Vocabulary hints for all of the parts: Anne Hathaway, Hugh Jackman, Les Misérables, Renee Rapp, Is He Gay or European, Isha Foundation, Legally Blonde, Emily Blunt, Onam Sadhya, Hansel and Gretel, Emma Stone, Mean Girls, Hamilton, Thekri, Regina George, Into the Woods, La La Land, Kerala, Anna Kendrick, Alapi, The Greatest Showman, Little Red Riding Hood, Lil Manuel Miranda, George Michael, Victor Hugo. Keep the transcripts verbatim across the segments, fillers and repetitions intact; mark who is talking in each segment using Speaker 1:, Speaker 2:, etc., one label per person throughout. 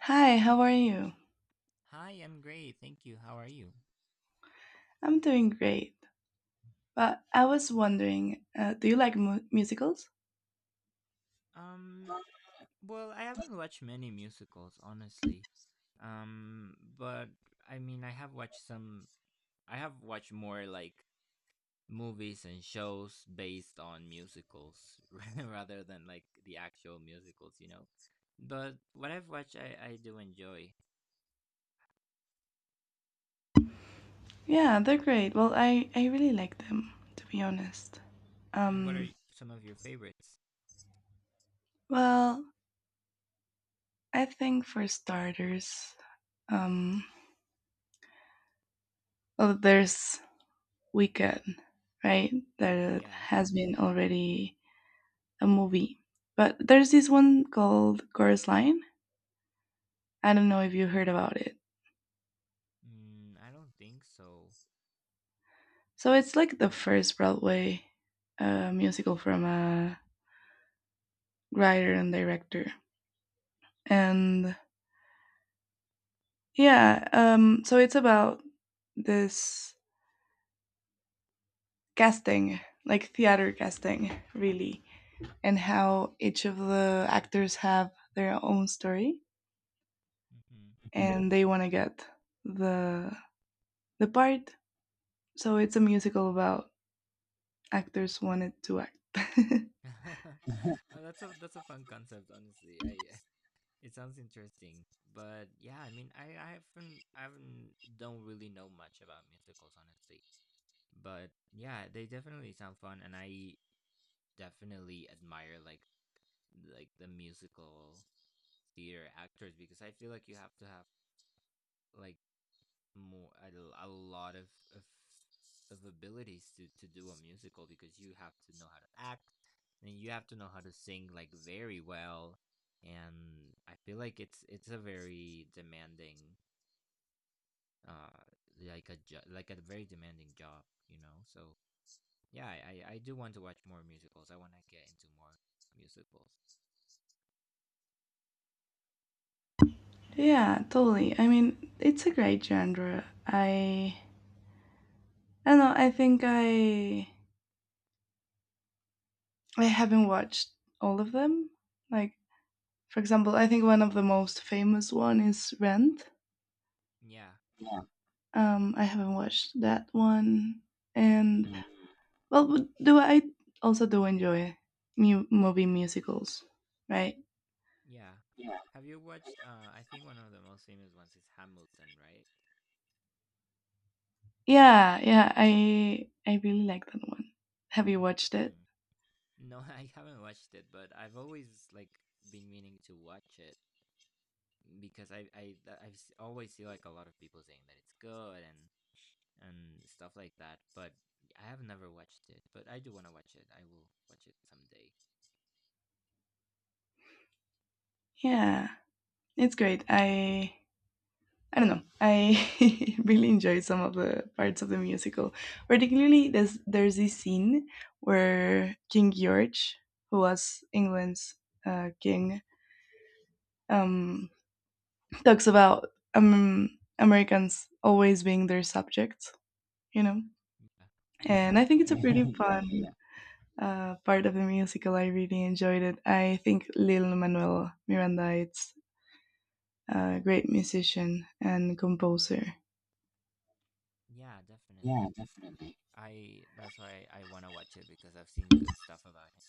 Speaker 1: Hi, how are you?
Speaker 2: Hi, I'm great. Thank you. How are you?
Speaker 1: I'm doing great. But I was wondering, uh, do you like mu- musicals?
Speaker 2: Um, well, I haven't watched many musicals, honestly. Um, but I mean, I have watched some, I have watched more like movies and shows based on musicals rather than like the actual musicals, you know? But what I've watched, I, I do enjoy.
Speaker 1: Yeah, they're great. Well, I, I really like them, to be honest.
Speaker 2: Mm, what are
Speaker 1: Um,
Speaker 2: y- some of your favorites?
Speaker 1: well, I think for starters, um, well, there's Weekend, right? That
Speaker 2: Yeah.
Speaker 1: has been already a movie. But there's this one called Chorus Line. I don't know if you heard about it.
Speaker 2: Mm, I don't think so.
Speaker 1: So it's like the first Broadway uh, musical from a writer and director. And yeah, um, so it's about this casting, like theater casting, really, and how each of the actors have their own story
Speaker 2: Hmm.
Speaker 1: and they want to get the the part. So it's a musical about actors wanted to act.
Speaker 2: that's a that's a fun concept, honestly. I It sounds interesting, but yeah, I mean, I, I haven't, I haven't, don't really know much about musicals, honestly. But yeah, they definitely sound fun, and I definitely admire like like the musical theater actors because I feel like you have to have like more a, a lot of, of of abilities to to do a musical because you have to know how to act and you have to know how to sing like very well, and I feel like it's it's a very demanding uh like a jo- like a very demanding job, you know? So yeah, I, I i do want to watch more musicals. I want to get into more musicals.
Speaker 1: Yeah, totally. I mean, it's a great genre. I I don't know. I think I I haven't watched all of them. Like for example, I think one of the most famous one is Rent.
Speaker 2: Yeah.
Speaker 1: Um, I haven't watched that one,
Speaker 2: Mm,
Speaker 1: and well, but do I also do enjoy mu- movie musicals, right?
Speaker 2: yeah,
Speaker 1: Yeah.
Speaker 2: have you watched uh I think one of the most famous ones is Hamilton, right?
Speaker 1: Yeah, yeah, I I really like that one. Have you watched
Speaker 2: Mm.
Speaker 1: it?
Speaker 2: No, I haven't watched it, but I've always like been meaning to watch it because i i i always see like a lot of people saying that it's good and and stuff like that, but I have never watched it, but I do want to watch it. I will watch it someday.
Speaker 1: Yeah, it's great. I I don't know. I really enjoyed some of the parts of the musical. Particularly, there's there's this scene where King George, who was England's uh, king, um, talks about um, Americans always being their subjects. You know,
Speaker 2: Yeah,
Speaker 1: and I think
Speaker 2: yeah, yeah,
Speaker 1: it's a
Speaker 2: yeah. Yeah.
Speaker 1: pretty fun uh, part of the musical. I really enjoyed it. I think Lil Manuel Miranda is a great musician and composer.
Speaker 2: Yeah, definitely. I that's why I want to watch it because I've seen good stuff about it.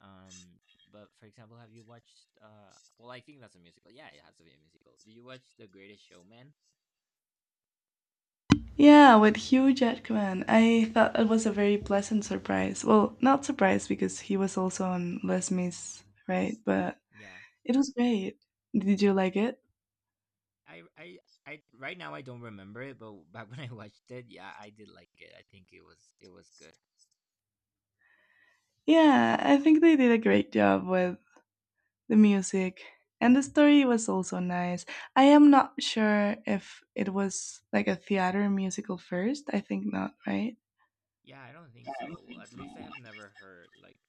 Speaker 2: Um, but for example, have you watched uh well, I think that's a musical. Yeah, it has to be a musical. Did you watch The Greatest Showman?
Speaker 1: Yeah, with Hugh Jackman. I thought it was a very pleasant surprise. Well, not surprise because he was also on Les Mis, right? But
Speaker 2: Yeah.
Speaker 1: it was great. Did you like it?
Speaker 2: I I I right now I don't remember it, but back when I watched it, yeah, I did like it. I think it was it was good.
Speaker 1: Yeah, I think they did a great job with the music. And the story was also nice. I am not sure if it was like a theater musical first. I think not, right?
Speaker 2: Yeah, I don't think so. Well, at least I have never heard like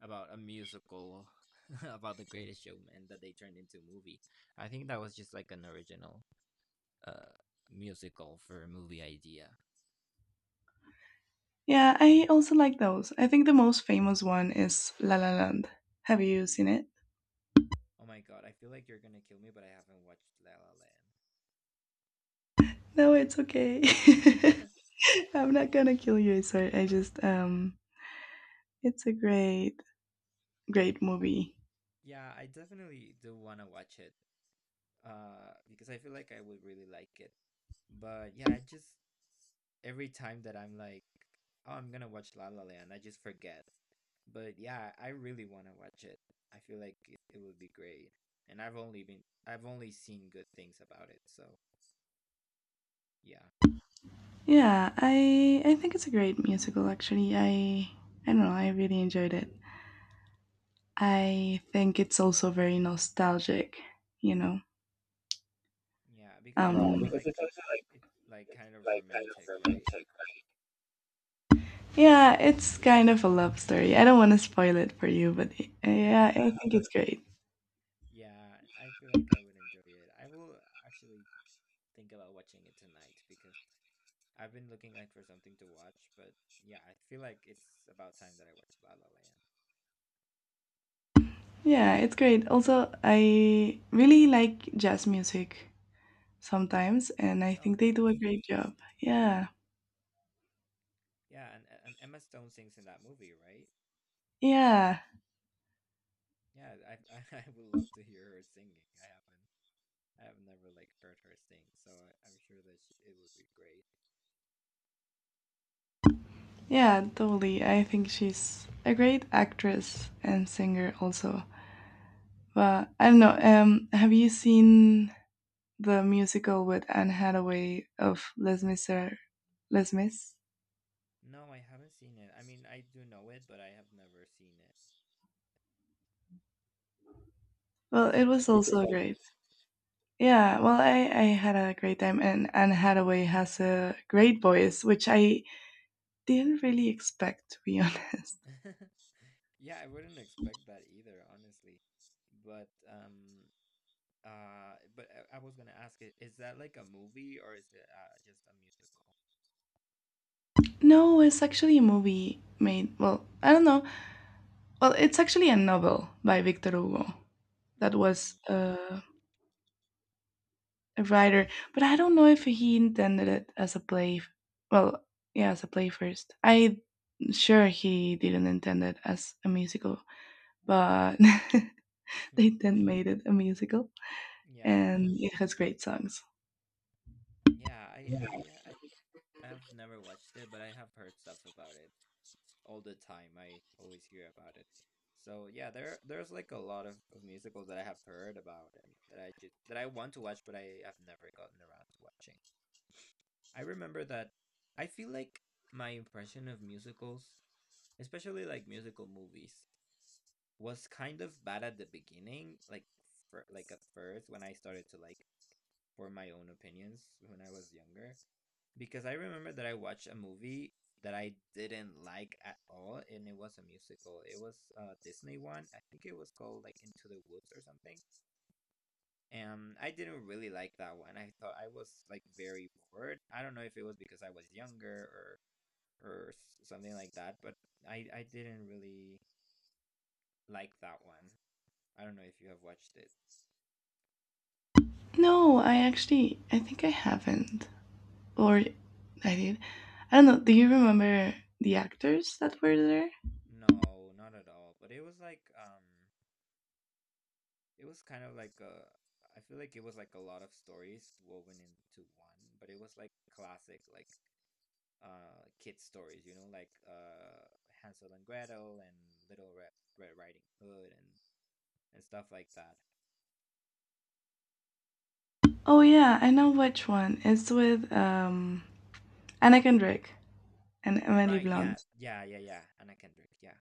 Speaker 2: about a musical about The Greatest Showman that they turned into a movie. I think that was just like an original uh musical for a movie idea.
Speaker 1: Yeah, I also like those. I think the most famous one is La La Land. Have you seen it?
Speaker 2: Oh my god, I feel like you're gonna kill me, but I haven't watched La La Land.
Speaker 1: No, it's okay. I'm not gonna kill you. Sorry, I just um, it's a great, great movie.
Speaker 2: Yeah, I definitely do wanna watch it. Uh, because I feel like I would really like it. But yeah, I just every time that I'm like, oh, I'm gonna watch La La Land, I just forget. But yeah, I really want to watch it. I feel like it, it would be great. And I've only been I've only seen good things about it. So, yeah.
Speaker 1: Yeah, I I think it's a great musical. Actually, I I don't know. I really enjoyed it. I think it's also very nostalgic. You know.
Speaker 2: Yeah, because it's
Speaker 1: Um,
Speaker 2: also
Speaker 1: because it's
Speaker 2: like
Speaker 1: also like
Speaker 2: it's like kind of romantic, right?
Speaker 1: yeah, it's kind of a love story. I don't want to spoil it for you, but uh, yeah, I think it's great.
Speaker 2: Yeah, I feel like I would enjoy it. I will actually think about watching it tonight because I've been looking like for something to watch, but yeah, I feel like it's about time that I watched La La
Speaker 1: Yeah, it's great. Also, I really like jazz music. Sometimes, and I
Speaker 2: Land. Oh,
Speaker 1: think they do
Speaker 2: nice.
Speaker 1: a great job. Yeah,
Speaker 2: Yeah, and and Emma Stone sings in that movie, right?
Speaker 1: yeah,
Speaker 2: Yeah, I I, I would love to hear her singing. I haven't I have never like heard her sing, so I, I'm sure that she, it would be great.
Speaker 1: yeah, totally. I think she's a great actress and singer also. But I don't know. Um, have you seen the musical with Anne Hathaway of Les Misér, Les Mis?
Speaker 2: No, I haven't seen it. I mean, I do know it, but I have never seen it.
Speaker 1: Well,
Speaker 2: Is
Speaker 1: it
Speaker 2: it
Speaker 1: was
Speaker 2: like is
Speaker 1: also
Speaker 2: it good?
Speaker 1: great. Yeah, well, I, I had a great time, and Anne Hathaway has a great voice, which I didn't really expect, to be honest.
Speaker 2: Yeah, I wouldn't expect that either, honestly. But um uh but I, I was gonna ask it, is that like a movie, or is it uh, just a musical?
Speaker 1: No, it's actually a movie made, well, I don't know, well, it's actually a novel by Victor Hugo that was
Speaker 2: Mm.
Speaker 1: uh, a writer, but I don't know if he intended it as a play. Well, yeah, as a play first. I sure he didn't intend it as a musical, but they then made it a musical,
Speaker 2: Yeah.
Speaker 1: and it has great songs.
Speaker 2: Yeah, I I I I've never watched it, but I have heard stuff about it all the time. I always hear about it. So yeah, there there's like a lot of, of musicals that I have heard about and that I just that I want to watch, but I have never gotten around to watching. I remember that I feel like my impression of musicals, especially like musical movies, was kind of bad at the beginning, like for, like at first when I started to like form my own opinions when I was younger, because I remember that I watched a movie that I didn't like at all, and it was a musical. It was a Disney one. I think it was called like Into the Woods or something. And I didn't really like that one. I thought I was like very bored. I don't know if it was because I was younger or or s- something like that, but I I didn't really like that one. I don't know if you have watched it.
Speaker 1: No, I actually I think I haven't, or I did. I don't know. Do you remember the actors that were there?
Speaker 2: No, not at all. But it was like um it was kind of like a, I feel like it was like a lot of stories woven into one, but it was like classic, like uh kid stories, you know, like uh Hansel and Gretel and Little Red, Red Riding Hood and and stuff like that.
Speaker 1: Oh yeah, I know which one. It's with um Anna Kendrick and Emily
Speaker 2: Right, yeah,
Speaker 1: Blunt.
Speaker 2: yeah, yeah, yeah. Anna Kendrick, yeah.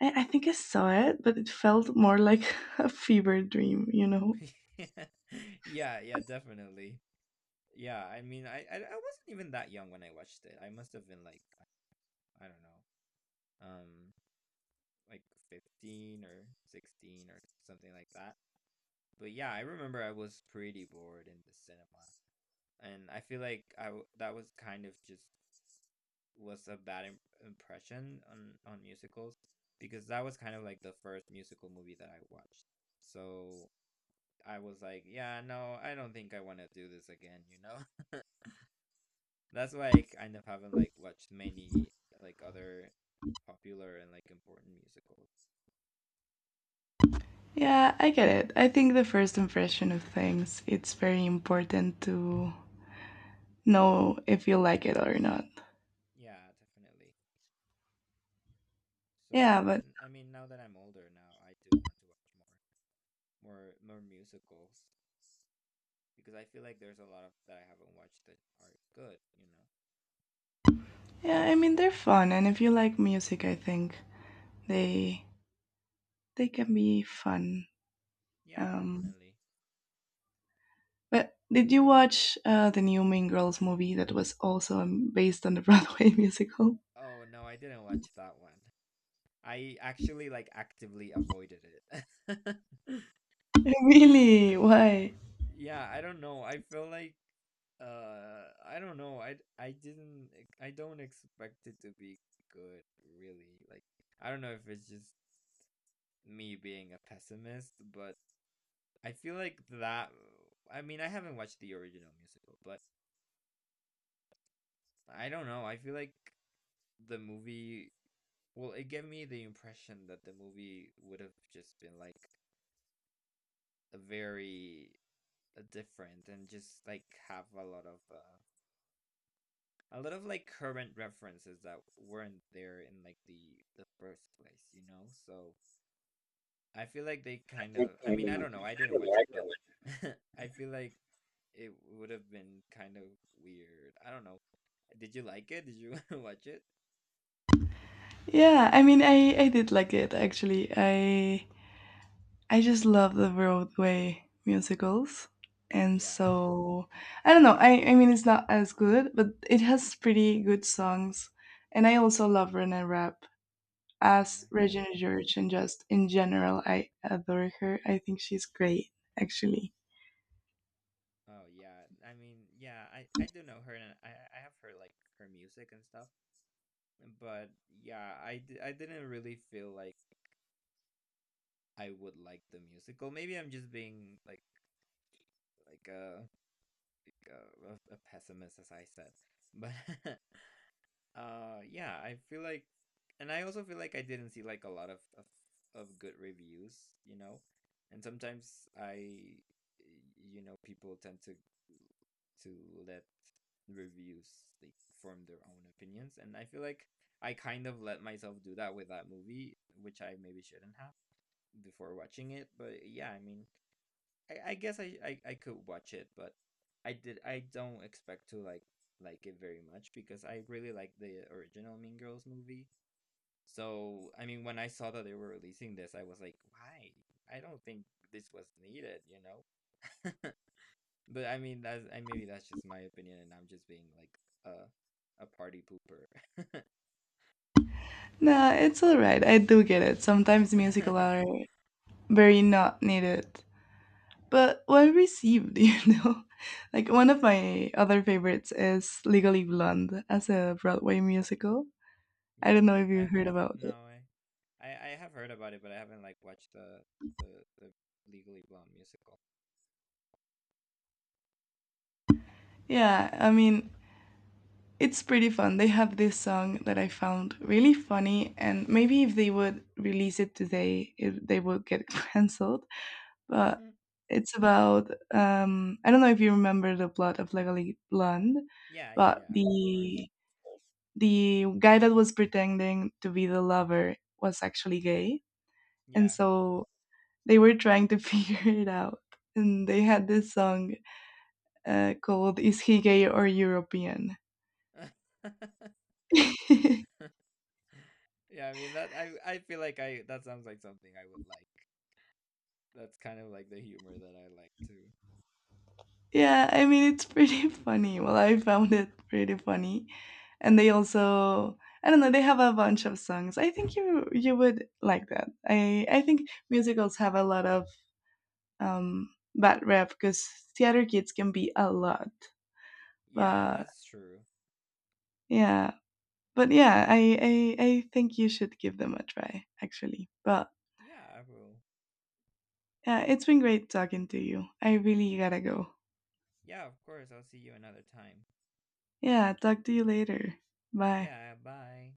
Speaker 1: I, I think I saw it, but it felt more like a fever dream, you know?
Speaker 2: Yeah, yeah, definitely. Yeah, I mean, I, I, I wasn't even that young when I watched it. I must have been like, I don't know, um, like fifteen or sixteen or something like that. But yeah, I remember I was pretty bored in the cinema, and I feel like I w- that was kind of just was a bad Im- impression on on musicals because that was kind of like the first musical movie that I watched. So I was like, yeah, no, I don't think I want to do this again, you know? That's why I kind of haven't like watched many like other popular and like important musicals.
Speaker 1: Yeah, I get it. I think the first impression of things, it's very important to know if you like it or not.
Speaker 2: Yeah, definitely.
Speaker 1: Yeah,
Speaker 2: So,
Speaker 1: but
Speaker 2: but I mean, now that I'm older now, I do want to watch more. more more musicals, because I feel like there's a lot of that I haven't watched that are good, you know.
Speaker 1: yeah, I mean they're fun and if you like music, I think they they can be fun.
Speaker 2: Yeah,
Speaker 1: Um
Speaker 2: definitely.
Speaker 1: but did you watch uh, the new Mean Girls movie that was also um, based on the Broadway musical?
Speaker 2: Oh no, I didn't watch that one. I actually like actively avoided it.
Speaker 1: Really? Why?
Speaker 2: Yeah, I don't know. I feel like uh I don't know. I I didn't e, I don't expect it to be good really. Like I don't know if it's just me being a pessimist, but I feel like that I mean, I haven't watched the original musical, but I don't know. I feel like the movie, well, it gave me the impression that the movie would have just been like a very uh, different and just like have a lot of uh, a lot of like current references that weren't there in like the the first place, you know? So I feel like they kind of, I mean, I don't know. I didn't watch it, but I feel like it would have been kind of weird. I don't know. Did you like it? Did you watch it?
Speaker 1: Yeah, I mean, I I did like it actually. I I just love the Broadway musicals, and
Speaker 2: Yeah.
Speaker 1: so I don't know. I I mean, it's not as good, but it has pretty good songs, and I also love Renee Rapp as
Speaker 2: Mm, yeah.
Speaker 1: Regina George, and just in general, I adore her. I think she's great, actually.
Speaker 2: Oh yeah, I mean, yeah, I I do know her, and I I have her like her music and stuff, but yeah, I d I didn't really feel like I would like the musical. Maybe I'm just being like like a like uh, a, a pessimist, as I said, but uh, yeah, I feel like, and I also feel like I didn't see like a lot of of, of good reviews, you know, and sometimes I, you know, people tend to to let reviews like form their own opinions, and I feel like I kind of let myself do that with that movie, which I maybe shouldn't have before watching it, but yeah, I mean, I, I guess I, I I could watch it, but I did I don't expect to like like it very much because I really like the original Mean Girls movie. So I mean, when I saw that they were releasing this, I was like, why? I don't think this was needed, you know. But I mean, that's I maybe that's just my opinion, and I'm just being like a a party pooper.
Speaker 1: No, it's all right. I do get it. Sometimes musicals are very not needed, but well received. You know, like one of my other favorites is Legally Blonde as a Broadway musical. I don't
Speaker 2: Yeah,
Speaker 1: know if
Speaker 2: I
Speaker 1: you heard
Speaker 2: haven't.
Speaker 1: about it.
Speaker 2: No, I, I I have heard about it, but I haven't like watched the the the Legally Blonde musical.
Speaker 1: Yeah, I mean it's pretty fun. They have this song that I found really funny, and maybe if they would release it today it, they would get cancelled, but
Speaker 2: Hmm.
Speaker 1: it's about um I don't know if you remember the plot of Legally Blonde,
Speaker 2: Yeah, yeah,
Speaker 1: but
Speaker 2: yeah, of course.
Speaker 1: the the guy that was pretending to be the lover was actually gay. And
Speaker 2: Yeah.
Speaker 1: so they were trying to figure it out. And they had this song uh, called Is He Gay or European?
Speaker 2: Yeah, I mean that I I feel like I that sounds like something I would like. That's kind of like the humor that I like too.
Speaker 1: Yeah, I mean, it's pretty funny. Well, I found it pretty funny. And they also, I don't know, they have a bunch of songs. I think you you would like that. I I think musicals have a lot of um, bad rep because theater kids can be a lot.
Speaker 2: Yeah,
Speaker 1: But
Speaker 2: that's true.
Speaker 1: yeah, but yeah, I, I I think you should give them a try, actually. But
Speaker 2: Yeah, I will.
Speaker 1: yeah, it's been great talking to you. I really gotta go.
Speaker 2: Yeah, of course. I'll see you another time.
Speaker 1: Yeah, talk to you later. Bye.
Speaker 2: Yeah, bye.